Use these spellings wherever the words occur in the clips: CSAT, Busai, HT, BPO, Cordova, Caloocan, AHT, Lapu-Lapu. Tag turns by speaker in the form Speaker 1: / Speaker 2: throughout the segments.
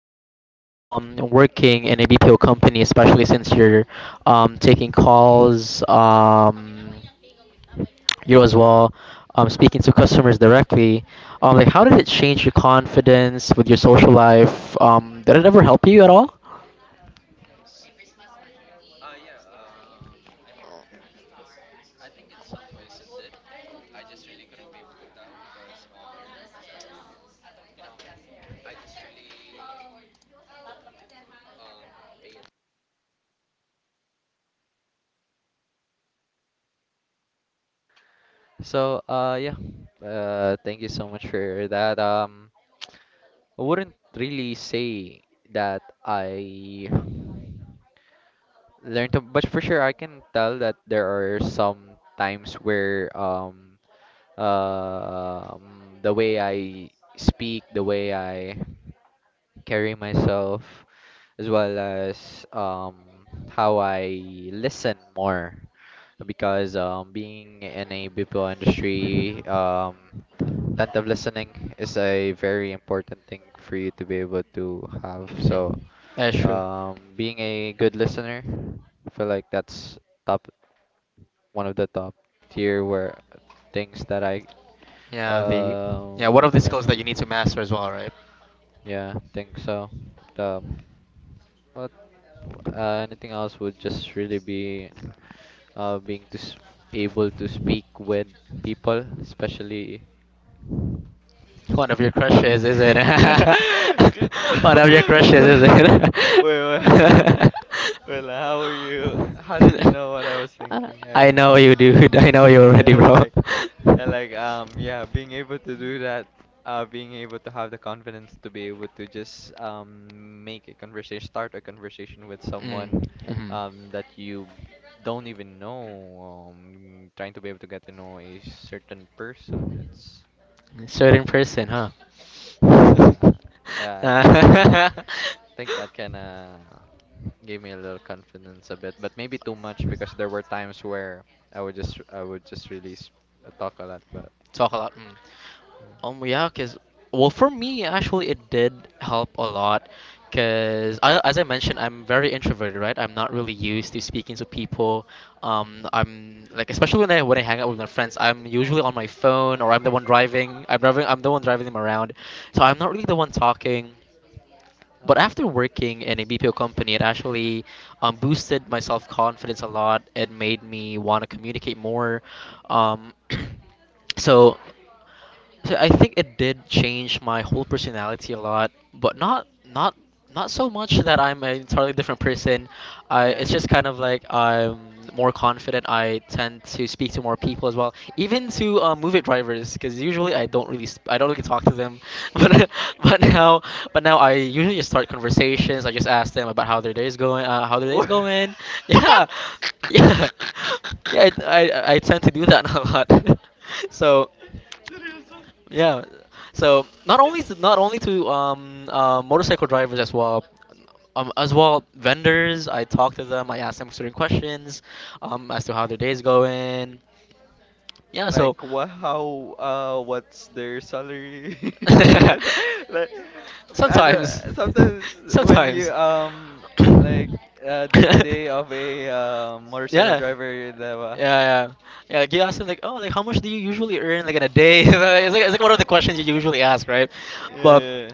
Speaker 1: on working in a BPO company, especially since you're taking calls, you as well, speaking to customers directly, like how did it change your confidence with your social life? Did it ever help you at all?
Speaker 2: So, yeah, thank you so much for that. I wouldn't really say that I learned, to, but for sure I can tell that there are some times where um the way I speak, the way I carry myself, as well as how I listen more, because being in a BPO industry, attentive listening is a very important thing for you to be able to have. So,
Speaker 1: Mhm. That's true.
Speaker 2: being a good listener, I feel like that's top, one of the top tier where things that I
Speaker 1: Yeah, the yeah,
Speaker 2: um
Speaker 1: one of the
Speaker 2: learned.
Speaker 1: skills that you need to master as well, right?
Speaker 2: Yeah, think so. The, but anything else would just really be being to able to speak with people, especially.
Speaker 1: One of your crushes, is it?
Speaker 2: Okay.
Speaker 1: One of your crushes, is it?
Speaker 2: Wait, wait. Wait, like, how were you? How did you know what I was thinking? I
Speaker 1: I
Speaker 2: mean,
Speaker 1: know you, dude. I know you already,
Speaker 2: yeah,
Speaker 1: bro.
Speaker 2: like, being able to do that, being able to have the confidence to be able to just make a conversation, start a conversation with
Speaker 1: Mm.
Speaker 2: someone,
Speaker 1: Mhm.
Speaker 2: that you don't even know, trying to be able to get to know a certain person. It's,
Speaker 1: Certain person, huh?
Speaker 2: yeah, yeah, I
Speaker 1: Uh,
Speaker 2: think that kind of gave me a little confidence a bit, but maybe too much, because there were times where I would just really talk a lot, but
Speaker 1: talk a lot. Mm. Yeah, cause Well, for me actually it did help a lot, cause I, as I mentioned, I'm very introverted, right? I'm not really used to speaking to people. I'm like especially when I hang out with my friends, I'm usually on my phone or I'm the one driving. I'm driving. I'm the one driving them around, so I'm not really the one talking. But
Speaker 2: uh,
Speaker 1: after working in a BPO company, it actually boosted my self confidence a lot. It made me want to communicate more. Um, so so I think it did change my whole personality a lot, but not so much that I'm an entirely different person. I It's
Speaker 2: yeah,
Speaker 1: just kind of like I'm more confident. I tend to speak to more people as well, even to move it drivers, because usually I don't really talk to them, but but now but now I usually just start conversations. I just ask them about how their day is going, how their day is going. Yeah, yeah, yeah. I I tend to do that a
Speaker 2: yeah.
Speaker 1: lot. So. Yeah. So not only to motorcycle drivers as well vendors. I talk to them. I ask them certain questions as to how their day is going. Yeah. So
Speaker 2: Like what? How? What's their salary? And, like, I don't,
Speaker 1: Sometimes.
Speaker 2: sometimes when
Speaker 1: Sometimes.
Speaker 2: you like day to day of a motorcycle
Speaker 1: Yeah.
Speaker 2: driver,
Speaker 1: Yeah,
Speaker 2: diba?
Speaker 1: yeah. Yeah, like you ask them like, oh, like how much do you usually earn like in a day? It's like one of the questions you usually ask, right?
Speaker 2: Yeah,
Speaker 1: But
Speaker 2: yeah.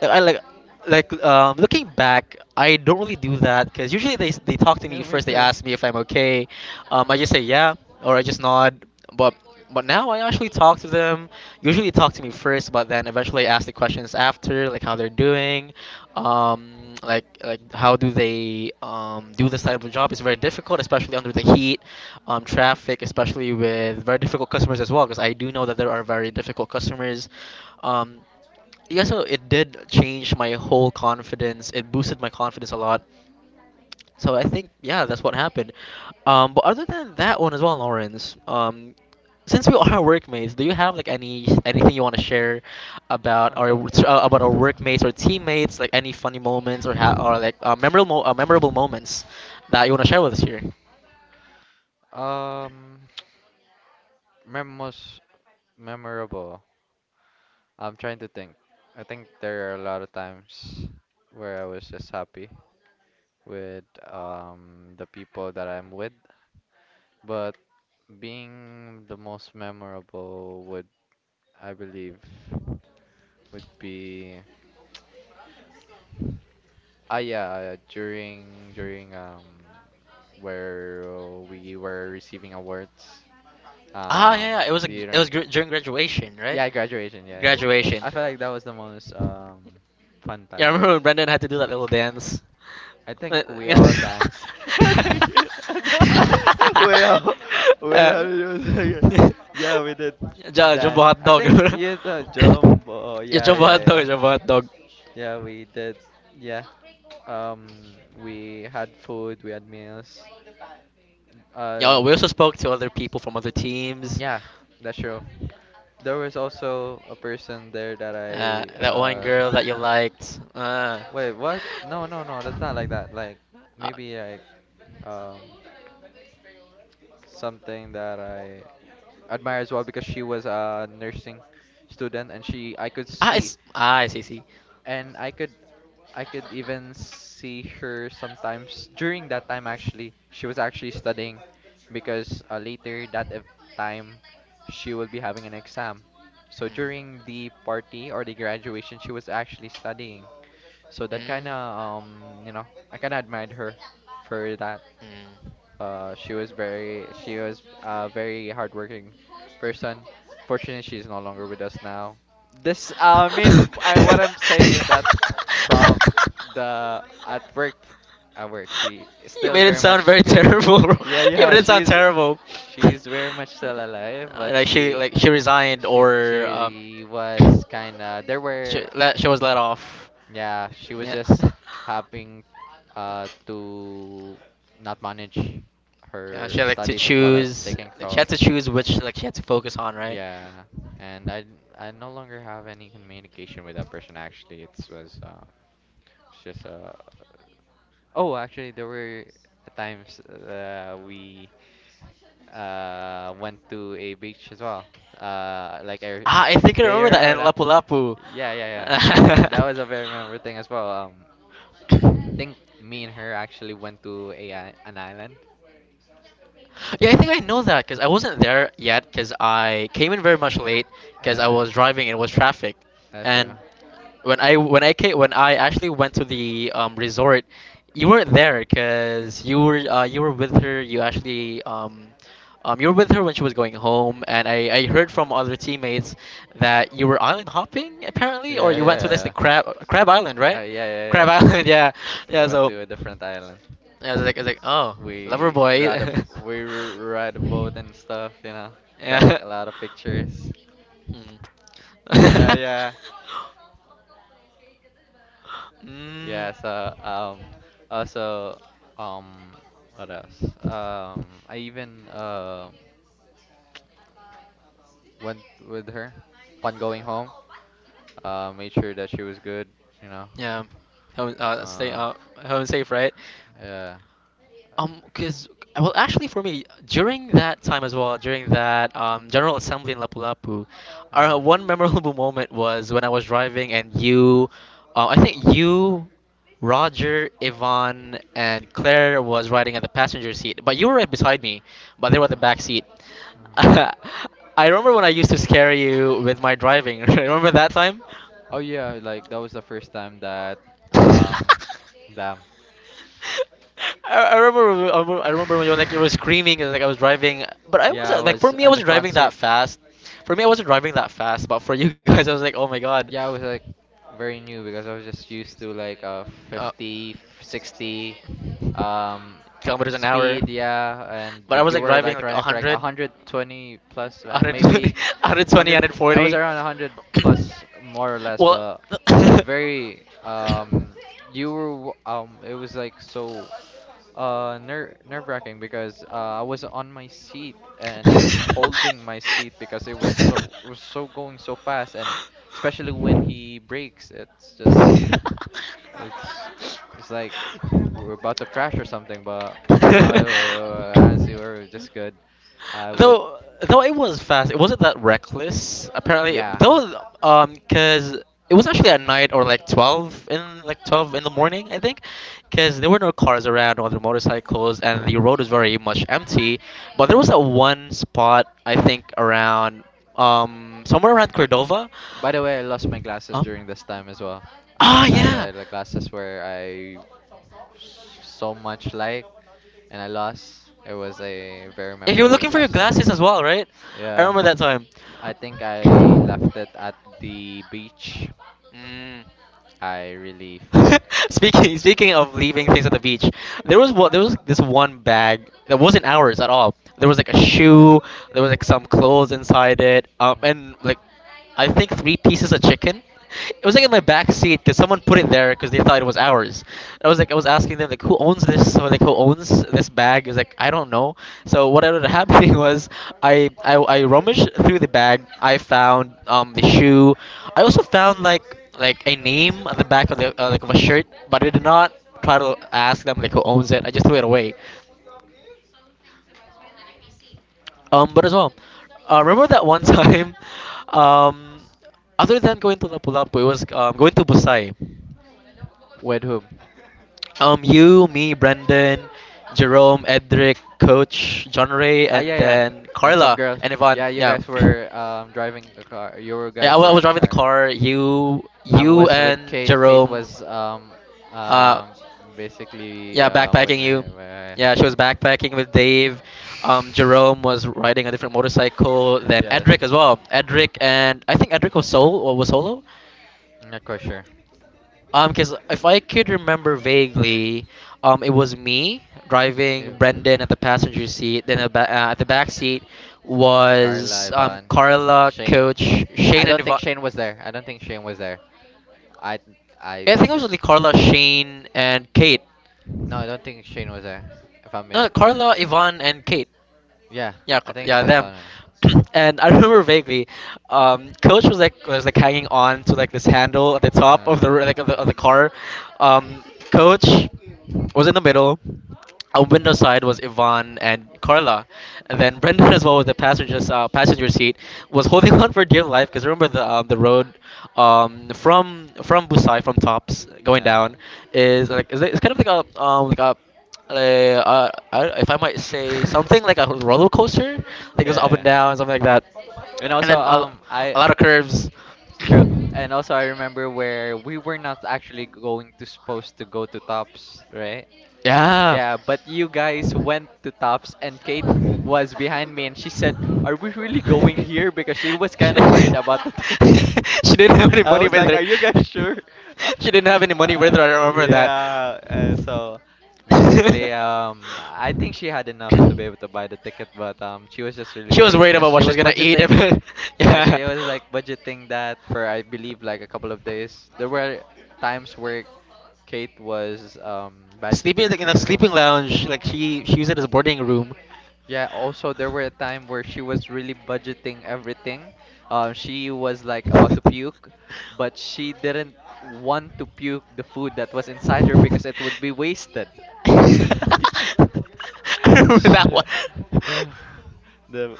Speaker 1: like, I like looking back, I don't really do that because usually they talk to
Speaker 2: Yeah,
Speaker 1: me
Speaker 2: yeah, me
Speaker 1: first. They
Speaker 2: too.
Speaker 1: ask me if I'm okay. I just say yeah or I just nod. But but now I actually talk to them. Usually they talk to me first, but then eventually I ask the questions after, like how they're doing, how do they do this type of job. It's very difficult, especially under the heat, traffic, especially with very difficult customers as well. Because I do know that there are very difficult customers. Um, yeah, so it did change my whole confidence, it boosted my confidence a lot, so I think yeah that's what happened. But other than that one as well, Lawrence, since we are workmates, do you have like anything you want to share
Speaker 2: About.
Speaker 1: about our workmates or teammates, like any funny moments or memorable moments that you want to share with us here?
Speaker 2: Um, most memorable. I'm trying to think. I think there are a lot of times where I was just happy with the people that I'm with. But being the most memorable would, I believe, would be, yeah, during where we were receiving awards.
Speaker 1: Ah,
Speaker 2: Um,
Speaker 1: yeah, yeah. It was a,
Speaker 2: do you
Speaker 1: it
Speaker 2: know?
Speaker 1: was gr- during graduation, right?
Speaker 2: Yeah, graduation. Yeah, yeah.
Speaker 1: Graduation.
Speaker 2: I feel like that was the most fun
Speaker 1: Yeah, I
Speaker 2: time.
Speaker 1: remember when Brendan had to do that little dance.
Speaker 2: I think we all dance. I think we all we all
Speaker 1: Uh, Yeah.
Speaker 2: yeah, we did
Speaker 1: Jumbo
Speaker 2: dance.
Speaker 1: hot
Speaker 2: I
Speaker 1: dog.
Speaker 2: think you the jumbo.
Speaker 1: Yeah,
Speaker 2: Yeah,
Speaker 1: jumbo
Speaker 2: yeah,
Speaker 1: hot
Speaker 2: yeah,
Speaker 1: dog, jumbo hot dog.
Speaker 2: yeah, we did, yeah, we had food, we had meals,
Speaker 1: Yeah, we
Speaker 2: um
Speaker 1: also spoke to other people from other teams.
Speaker 2: yeah, that's true. There was also a person there that I
Speaker 1: That one girl that you liked.
Speaker 2: wait, what? No, no, no, that's not like that, like
Speaker 1: Uh,
Speaker 2: maybe like um something that I admire as well, because she was a nursing student and she, I could see,
Speaker 1: I see, see.
Speaker 2: and I could even see her sometimes during that time. Actually, she was actually studying, because later that time she will be having an exam. So during the party or the graduation she was actually studying. So that kind of I kind of admired her for that. She was a very hardworking person. Fortunately, she's no longer with us now. This I mean, I what I'm saying is that, from the, at work at work she is
Speaker 1: You
Speaker 2: still
Speaker 1: made it
Speaker 2: very
Speaker 1: sound
Speaker 2: much
Speaker 1: very
Speaker 2: good.
Speaker 1: terrible, bro.
Speaker 2: Yeah,
Speaker 1: You
Speaker 2: yeah,
Speaker 1: made it sound terrible.
Speaker 2: she's very much still alive, but
Speaker 1: Like
Speaker 2: she
Speaker 1: she resigned,
Speaker 2: she she
Speaker 1: or
Speaker 2: really was kind of, there
Speaker 1: she,
Speaker 2: were.
Speaker 1: let, she was let off.
Speaker 2: Yeah, she was
Speaker 1: Yeah.
Speaker 2: just having to not manage
Speaker 1: Yeah, she
Speaker 2: her
Speaker 1: had like to
Speaker 2: studies as well as
Speaker 1: choose,
Speaker 2: taking
Speaker 1: like she had
Speaker 2: calls.
Speaker 1: to choose which like she had to focus on, right?
Speaker 2: Yeah, and I no longer have any communication with that person, actually. It was it's just oh, actually, there were times, we went to a beach as well. Uh, like I,
Speaker 1: Ah, I think I remember
Speaker 2: there
Speaker 1: that
Speaker 2: or
Speaker 1: in
Speaker 2: that.
Speaker 1: Lapu Lapu.
Speaker 2: Yeah, yeah, yeah. That was a very memorable thing as well. I think me and her actually went to a an island.
Speaker 1: Yeah, I think I know that because I wasn't there yet because I came in very much late because I
Speaker 2: Uh,
Speaker 1: was driving and it was traffic.
Speaker 2: sure.
Speaker 1: And when I actually went to the resort, you weren't there because you were with her. You actually you were with her when she was going home, and I heard from other teammates that you were island hopping
Speaker 2: Yeah,
Speaker 1: apparently, or
Speaker 2: yeah,
Speaker 1: you went to
Speaker 2: yeah,
Speaker 1: this
Speaker 2: yeah.
Speaker 1: like, crab island, right?
Speaker 2: Yeah, yeah,
Speaker 1: Crab
Speaker 2: yeah.
Speaker 1: Island, yeah,
Speaker 2: We
Speaker 1: yeah.
Speaker 2: went
Speaker 1: So.
Speaker 2: to a different island.
Speaker 1: Yeah, I was like, oh, lover
Speaker 2: We
Speaker 1: boy.
Speaker 2: ride a ride a boat and stuff, you know. Took
Speaker 1: Yeah.
Speaker 2: a lot of pictures.
Speaker 1: Mm.
Speaker 2: Yeah,
Speaker 1: Mm.
Speaker 2: yeah. So also, um, what else? I even went with her upon going home, made sure that she was good, you know.
Speaker 1: Yeah. Home, stay
Speaker 2: Uh,
Speaker 1: out, home safe, right?
Speaker 2: yeah. Yeah.
Speaker 1: Because well, actually, for me, during that time as well, during that General Assembly in Lapu-Lapu,
Speaker 2: Uh,
Speaker 1: our one memorable
Speaker 2: uh.
Speaker 1: moment was when I was driving and you, I think you, Roger, Yvonne, and Claire was riding at the passenger seat, but you were right beside me, but they were at the back seat. I remember when I used to scare you with my driving. Remember that time?
Speaker 2: Oh yeah, like that was the first time that um, damn.
Speaker 1: I remember when you were, like you were screaming and like I was driving, but I
Speaker 2: Yeah, I
Speaker 1: wasn't like, for
Speaker 2: was
Speaker 1: me I
Speaker 2: on the
Speaker 1: wasn't
Speaker 2: front
Speaker 1: driving that
Speaker 2: seat.
Speaker 1: fast. For me I wasn't driving that fast, but for you guys I was like, oh my god.
Speaker 2: Yeah, I was like very new because I was just used to like
Speaker 1: Uh,
Speaker 2: 50, 60 um
Speaker 1: kilometers an hour.
Speaker 2: speed, yeah, and
Speaker 1: But I was
Speaker 2: you
Speaker 1: like
Speaker 2: were
Speaker 1: driving
Speaker 2: like
Speaker 1: like
Speaker 2: running for like
Speaker 1: 100,
Speaker 2: 120 plus, maybe
Speaker 1: 120,
Speaker 2: 100, I was around 100 plus, more or less,
Speaker 1: well,
Speaker 2: but it was very it was like so nerve-wracking because I was on my seat and I was holding my seat, because it was so, it was so going so fast, and especially when he breaks it's just, it's it's like we're about to crash or something, but no, honestly, we're just good. I would,
Speaker 1: though it was fast, it wasn't that reckless apparently
Speaker 2: yeah.
Speaker 1: though, because it was actually at night or 12 in the morning I think, because there were no cars around or the motorcycles and the road was very much empty, but there was that one spot I think around somewhere around Cordova.
Speaker 2: By the way, I lost my glasses
Speaker 1: Huh?
Speaker 2: during this time as well. I
Speaker 1: Ah,
Speaker 2: had
Speaker 1: yeah.
Speaker 2: the glasses where I so much like, and I lost. It was a very
Speaker 1: If you were
Speaker 2: memorable
Speaker 1: looking for your
Speaker 2: glasses to me.
Speaker 1: glasses as well, right? I
Speaker 2: Yeah,
Speaker 1: remember that time.
Speaker 2: I think I left it at the beach.
Speaker 1: Mm.
Speaker 2: I really.
Speaker 1: Speaking speaking of leaving things at the beach, there was this one bag that wasn't ours at all. There was like a shoe, there was like some clothes inside it, and like I think three pieces of chicken. It was like
Speaker 2: Mm.
Speaker 1: in
Speaker 2: Mm.
Speaker 1: my back seat because someone put it there because they thought it was ours. I was asking them like who owns this or like who owns this bag? It was like I don't know. So what ended up happening was I rummaged through the bag. I found the shoe. I also found a name on the back of the of a shirt, but I did not try to ask them like who owns it. I just threw it away. But as well, remember that one time, um, other than going to Lapu-Lapu, it was going to Busai.
Speaker 2: With whom?
Speaker 1: You, me, Brendan, Jerome, Edric, Coach, John Ray,
Speaker 2: Ah,
Speaker 1: and
Speaker 2: yeah, yeah.
Speaker 1: then
Speaker 2: And some
Speaker 1: Carla
Speaker 2: girls.
Speaker 1: and Yvonne.
Speaker 2: Yeah, you
Speaker 1: Yeah,
Speaker 2: guys were driving a car. You
Speaker 1: yeah.
Speaker 2: guys
Speaker 1: I
Speaker 2: were
Speaker 1: was
Speaker 2: in a
Speaker 1: driving the
Speaker 2: car.
Speaker 1: car. You,
Speaker 2: I
Speaker 1: you
Speaker 2: was
Speaker 1: and
Speaker 2: with Kate. Kate
Speaker 1: Jerome.
Speaker 2: was
Speaker 1: Uh,
Speaker 2: um basically
Speaker 1: Yeah,
Speaker 2: with
Speaker 1: backpacking you.
Speaker 2: my, my,
Speaker 1: Yeah, she was backpacking with Dave. Jerome was riding a different motorcycle. Then
Speaker 2: yeah. That's right.
Speaker 1: Edric as well. Edric and I think Edric was solo or was solo.
Speaker 2: I'm not quite sure.
Speaker 1: Because if I could remember vaguely, it was me driving
Speaker 2: Ew.
Speaker 1: Brendan at the passenger seat. Then at at the back seat
Speaker 2: Carla,
Speaker 1: was
Speaker 2: Ivan,
Speaker 1: Carla,
Speaker 2: Shane.
Speaker 1: Coach, Shane,
Speaker 2: I
Speaker 1: and
Speaker 2: don't think
Speaker 1: Yvonne.
Speaker 2: Shane was there. I don't think Shane was there. I I
Speaker 1: Yeah, I think it was like Carla, Shane, and Kate.
Speaker 2: No, I don't think Shane was there. If I'm being,
Speaker 1: No, Carla, Yvonne, and Kate.
Speaker 2: yeah, I think
Speaker 1: Yeah,
Speaker 2: they saw
Speaker 1: them.
Speaker 2: him.
Speaker 1: And I remember vaguely, Coach was like hanging on to like this handle at the top
Speaker 2: Uh,
Speaker 1: of the of the car. Um, Coach was in the middle. On window side was Yvonne and Carla, and then Brendan as well with the passenger seat was holding on for dear life because remember the road, from Busai from Tops going
Speaker 2: uh,
Speaker 1: down, is like is it's kind of like a if I might say something like a roller coaster, like it goes up and
Speaker 2: yeah.
Speaker 1: down, something like that,
Speaker 2: And
Speaker 1: and
Speaker 2: also,
Speaker 1: then
Speaker 2: I
Speaker 1: a lot of curves.
Speaker 2: it's true. And also, I remember where we were not actually going to supposed to go to Tops, right?
Speaker 1: Yeah.
Speaker 2: Yeah, but you guys went to Tops and Kate was behind me and she said, are we really going here? Because she was
Speaker 1: she
Speaker 2: kind of worried
Speaker 1: didn't,
Speaker 2: about the thing.
Speaker 1: She didn't have any
Speaker 2: I
Speaker 1: money
Speaker 2: was
Speaker 1: with
Speaker 2: like,
Speaker 1: her.
Speaker 2: are you guys sure?
Speaker 1: She didn't have any money with her.
Speaker 2: Uh,
Speaker 1: I remember
Speaker 2: yeah, so
Speaker 1: that.
Speaker 2: basically, I think she had enough to be able to buy the ticket, but she was just really
Speaker 1: She was
Speaker 2: worried
Speaker 1: worried
Speaker 2: because
Speaker 1: about
Speaker 2: she
Speaker 1: what she's
Speaker 2: was
Speaker 1: gonna eat. If,
Speaker 2: budgeting. Yeah,
Speaker 1: yeah.
Speaker 2: she was like budgeting that for, I believe, like a couple of days. There were times where Kate was
Speaker 1: Sleeping
Speaker 2: budgeting
Speaker 1: like in a
Speaker 2: things as well.
Speaker 1: sleeping lounge, like she used it as a boarding room.
Speaker 2: Yeah, also, there were a time where she was really budgeting everything. She was like about to
Speaker 1: I
Speaker 2: puke, but she didn't want to puke the food that was inside her, because it would be wasted.
Speaker 1: remember that one.
Speaker 2: Sh- yeah. The,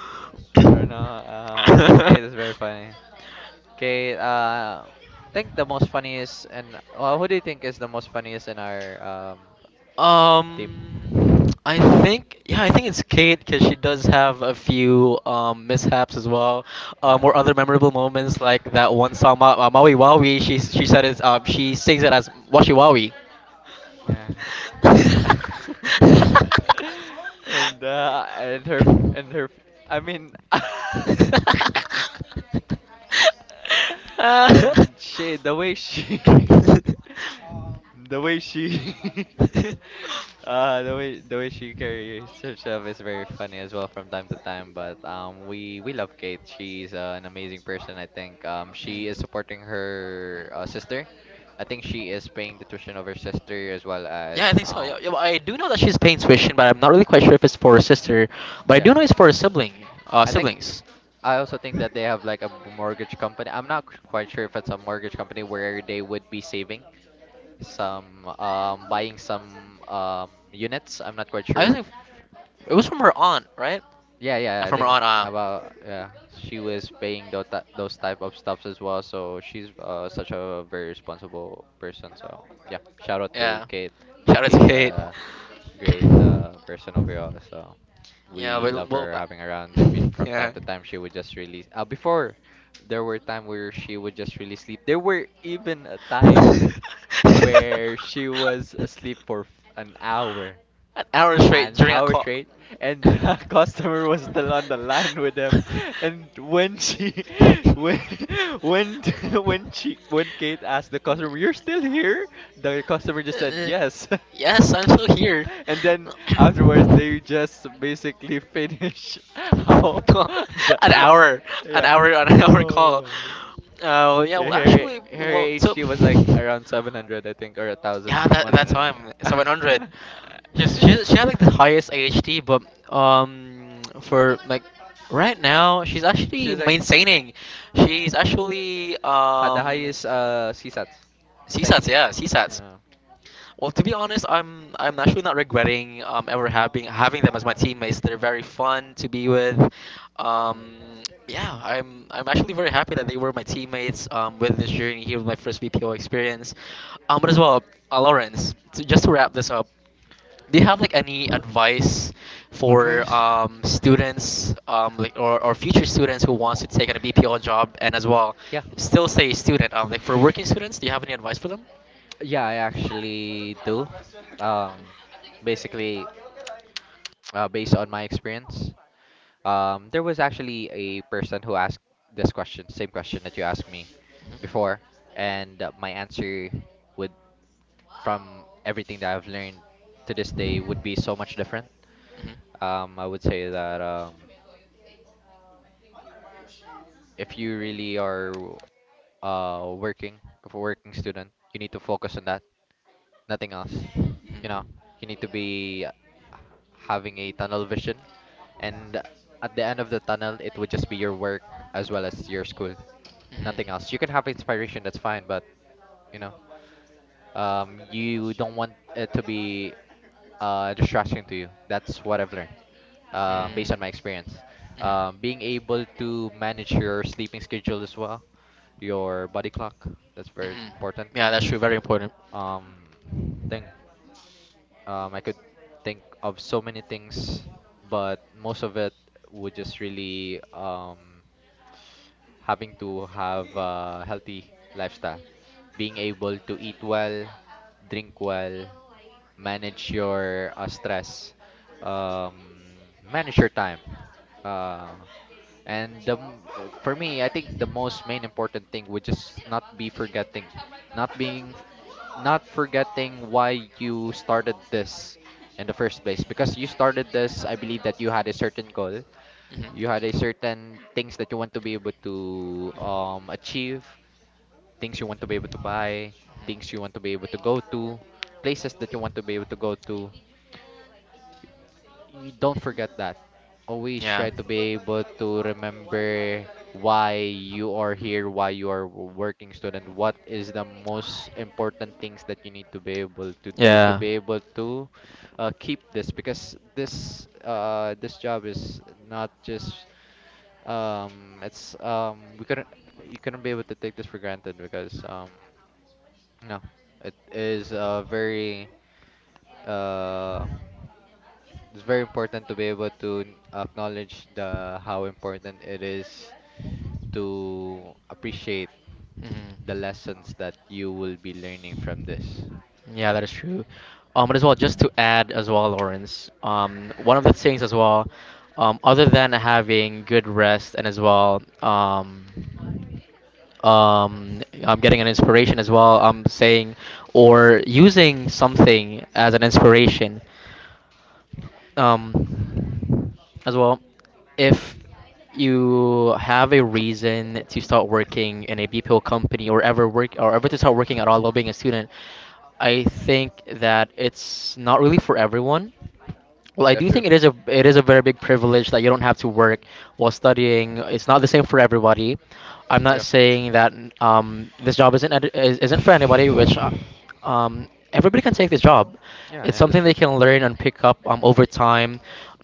Speaker 2: or no, I think Kate is very funny. Okay, I think the most funniest, and well, who do you think is the most funniest in our team?
Speaker 1: I think it's Kate because she does have a few mishaps as well,
Speaker 2: Yeah.
Speaker 1: or other memorable moments like that one song Maui Wawi. She said it's she sings it as Washi Wawi.
Speaker 2: Yeah. And and her, and her, I mean
Speaker 1: Uh,
Speaker 2: and she the way she the way she the way she carries herself is very funny as well from time to time. But we love Kate. She's an amazing person, I think. She is supporting her sister. I think she is paying the tuition of her sister, as well as
Speaker 1: Yeah, I think so. Yeah, yeah, but I do know that she's Payne's Christian, but I'm not really quite sure if it's for her sister. But I do
Speaker 2: yeah.
Speaker 1: know it's for her sibling,
Speaker 2: I think,
Speaker 1: siblings.
Speaker 2: I also think that they have like a mortgage company. I'm not quite sure if it's a mortgage company where they would be saving some buying some units. I'm not quite sure.
Speaker 1: It was from her aunt, right?
Speaker 2: Yeah, yeah, I think about, yeah, she was paying those type of stuffs as well. So she's such a very responsible person. So yeah, shout out to
Speaker 1: out
Speaker 2: Kate. I think
Speaker 1: to
Speaker 2: Kate's
Speaker 1: Kate.
Speaker 2: a great person overall. So
Speaker 1: Yeah,
Speaker 2: we
Speaker 1: but
Speaker 2: love
Speaker 1: well,
Speaker 2: her having around. Even from time
Speaker 1: yeah.
Speaker 2: to time, she would just really, before there were time where she would just really sleep. There were even a time
Speaker 1: An
Speaker 2: where she was asleep for an hour,
Speaker 1: hour straight
Speaker 2: an
Speaker 1: during a
Speaker 2: hour
Speaker 1: call.
Speaker 2: straight, and the customer was still on the line with them, and when she when when when she, when Kate asked the customer, you're still here, the customer just said yes.
Speaker 1: Yes, I'm still here.
Speaker 2: And then afterwards they just basically finish. How
Speaker 1: Tw-
Speaker 2: the,
Speaker 1: an hour, an
Speaker 2: yeah,
Speaker 1: hour, an hour call.
Speaker 2: oh my,
Speaker 1: Uh, yeah,
Speaker 2: yeah,
Speaker 1: well,
Speaker 2: her,
Speaker 1: actually,
Speaker 2: her
Speaker 1: well, so
Speaker 2: HT was like around 700, I think, or
Speaker 1: yeah, that
Speaker 2: 1,100.
Speaker 1: time 700. Just she had like the highest AHT, but for like right now, she's actually
Speaker 2: She's like
Speaker 1: maintaining. She's actually
Speaker 2: had the highest CSATs thing.
Speaker 1: CSATs, yeah, CSATs.
Speaker 2: Uh,
Speaker 1: Well, to be honest, I'm actually not regretting ever having them as my teammates. They're very fun to be with.
Speaker 2: mm.
Speaker 1: Um, yeah, I'm actually very happy that they were my teammates with this journey here with my first BPO experience. But as well, Lawrence, just to wrap this up. Do you have like any advice for students like or future students who wants to take on a BPO job and as well
Speaker 2: Yeah,
Speaker 1: still stay a student? Like for working students, do you have any advice for them?
Speaker 2: yeah, I actually do. Um, basically, based on my experience. There was actually a person who asked this question, same question that you asked me before, and my answer would, from everything that I've learned to this day, would be so much different.
Speaker 1: Mhm.
Speaker 2: I would say that if you really are working, if a working student, you need to focus on that, nothing else.
Speaker 1: Mhm.
Speaker 2: You know, you need to be having a tunnel vision, and at the end of the tunnel, it would just be your work
Speaker 1: Mhm.
Speaker 2: as well as your school. Nothing else. You can have inspiration, that's fine, but you know, you don't want it to be distraction to you. That's what I've learned, based on my experience. Being able to manage your sleeping schedule as well, your body clock, that's
Speaker 1: Mm.
Speaker 2: very
Speaker 1: Mhm. Mhm.
Speaker 2: important.
Speaker 1: Yeah, that's true. Very important.
Speaker 2: Um,
Speaker 1: Mhm.
Speaker 2: think I could think of so many things, but most of it would just really having to have a healthy lifestyle, being able to eat well, drink well, manage your stress, um, manage your time. Uh, and the, for me, I think the most main important thing would just not be forgetting, not being, not forgetting why you started this in the first place. Because you started this, I believe that you had a certain goal, you had a certain things that you want to be able to achieve, things you want to be able to buy, things you want to be able to go to, places that you want to be able to go to,
Speaker 1: Mhm.
Speaker 2: you don't forget that. Always try to be able to remember why you are here, why you are working student, what is the most important things that you need to be able to do to be able to keep this, because this, this job is not just it's, we couldn't you couldn't be able to take this for granted, because no, it is a very um it's very important to be able to acknowledge the how important it is to appreciate the lessons that you will be learning from this.
Speaker 1: Yeah, that is true. But as well, just to add as well, Lawrence, one of the things as well, other than having good rest and as well, I'm getting an inspiration as well. I'm saying or using something as an inspiration. Um, as well, if you have a reason to start working in a BPO company or ever work or ever to start working at all while being a student, I think that it's not really for everyone. Well, I
Speaker 2: That's
Speaker 1: do
Speaker 2: true.
Speaker 1: think it is a very big privilege that you don't have to work while studying. It's not the same for everybody. I'm not
Speaker 2: Yeah.
Speaker 1: saying that this job isn't ed- is- isn't for anybody, which everybody can take this job.
Speaker 2: Yeah,
Speaker 1: It's
Speaker 2: yeah, that's
Speaker 1: something they
Speaker 2: true.
Speaker 1: can learn and pick up over time.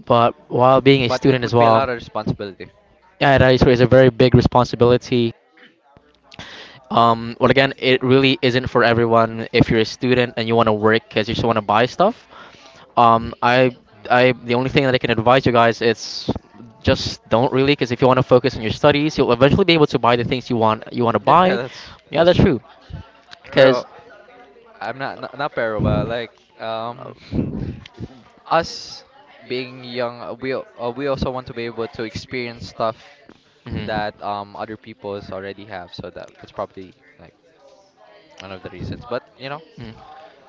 Speaker 1: But while being a
Speaker 2: But
Speaker 1: student
Speaker 2: it
Speaker 1: as
Speaker 2: would be a
Speaker 1: well,
Speaker 2: lot of responsibility.
Speaker 1: yeah, that is a very big responsibility. Well, again, it really isn't for everyone. If you're a student and you want to work because you just want to buy stuff, um, I,
Speaker 2: Mm.
Speaker 1: I, the only thing that I can advise you guys is just don't really, because if you want to focus on your studies, you'll eventually be able to buy the things you want to
Speaker 2: To do more. Yeah,
Speaker 1: buy.
Speaker 2: that's
Speaker 1: Yeah, that's
Speaker 2: true.
Speaker 1: true.
Speaker 2: Pero,
Speaker 1: Because,
Speaker 2: I'm not not, not pero but like, um us being young, we also want to be able to experience stuff
Speaker 1: Hmm.
Speaker 2: that other peoples already have. So that that's probably like one of the reasons. But you know,
Speaker 1: Mm.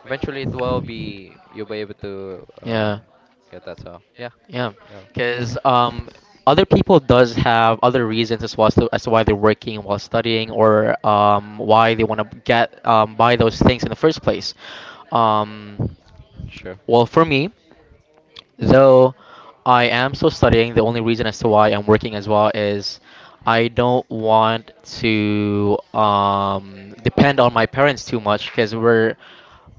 Speaker 2: eventually it will be, you'll be able to
Speaker 1: Yeah.
Speaker 2: get that. So yeah,
Speaker 1: Yeah,
Speaker 2: yeah,
Speaker 1: because other people does have other reasons as well as as to why they're working while studying or why they want to get buy those things in the first place. Um,
Speaker 2: sure.
Speaker 1: well, for me. Though I am still studying, the only reason as to why I'm working as well is I don't want to depend on my parents too much because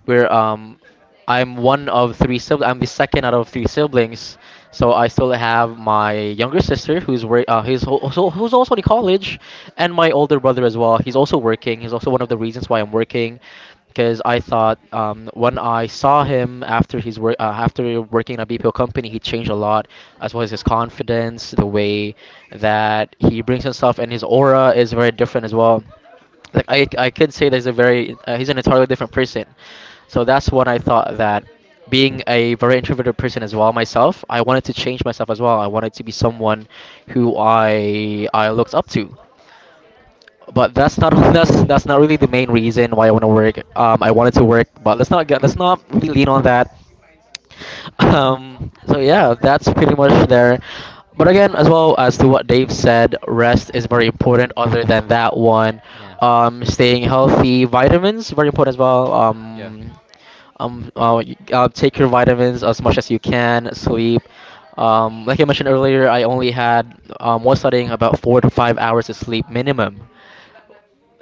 Speaker 1: we're I'm one of three siblings. I'm the second out of three siblings, so I still have my younger sister who's wor- who's al- also who's also in college, and my older brother as well. He's also working. He's also one of the reasons why I'm working because I thought when I saw him after he's work after working in a BPO company, he changed a lot, as well as his confidence, the way that he brings himself, and his aura is very different as well. Like I could say that he's a very he's an entirely different person. So that's what I thought that being a very introverted person as well myself, I wanted to change myself as well. I wanted to be someone who I looked up to but that's not that's not really the main reason why I want to work. I wanted to work, but let's not really lean on that. So yeah, that's pretty much there. But again, as well as to what Dave said, rest is very important. Other than that one,
Speaker 2: Yeah,
Speaker 1: staying healthy, vitamins very important as well.
Speaker 2: yeah,
Speaker 1: Take your vitamins as much as you can. Sleep. Like I mentioned earlier, I only had was studying about 4 to 5 hours of sleep minimum.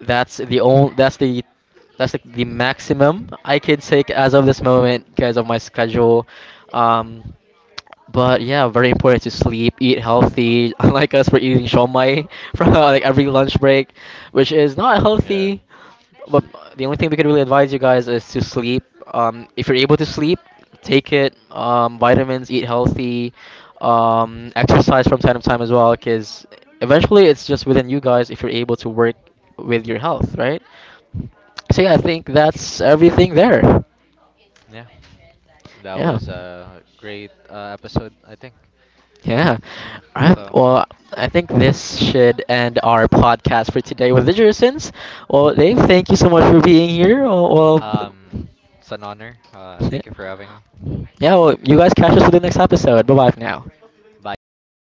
Speaker 1: That's the only. That's the that's like the maximum I could take as of this moment because of my schedule. Um, but yeah, very important to sleep, eat healthy. Unlike us, we're eating shomai from like every lunch break, which
Speaker 2: hmm,
Speaker 1: is not
Speaker 2: yeah.
Speaker 1: healthy. But the only thing we could really advise you guys is to sleep. If you're able to sleep, take it. Vitamins, eat healthy, exercise from time to time as well, because eventually it's just within you guys if you're able to work with your health, right? So yeah, I think that's everything there.
Speaker 2: Yeah, that
Speaker 1: Yeah.
Speaker 2: was a great episode, I think.
Speaker 1: Yeah.
Speaker 2: Yeah,
Speaker 1: All right.
Speaker 2: so
Speaker 1: Well, I think this should end our podcast for today with the Jurisons. Well, Dave, thank you so much for being here. Well, well
Speaker 2: um, it's an honor.
Speaker 1: yeah.
Speaker 2: Thank you for having me.
Speaker 1: Yeah, well, you guys catch us for the next episode. Bye bye for now.
Speaker 2: Buyers.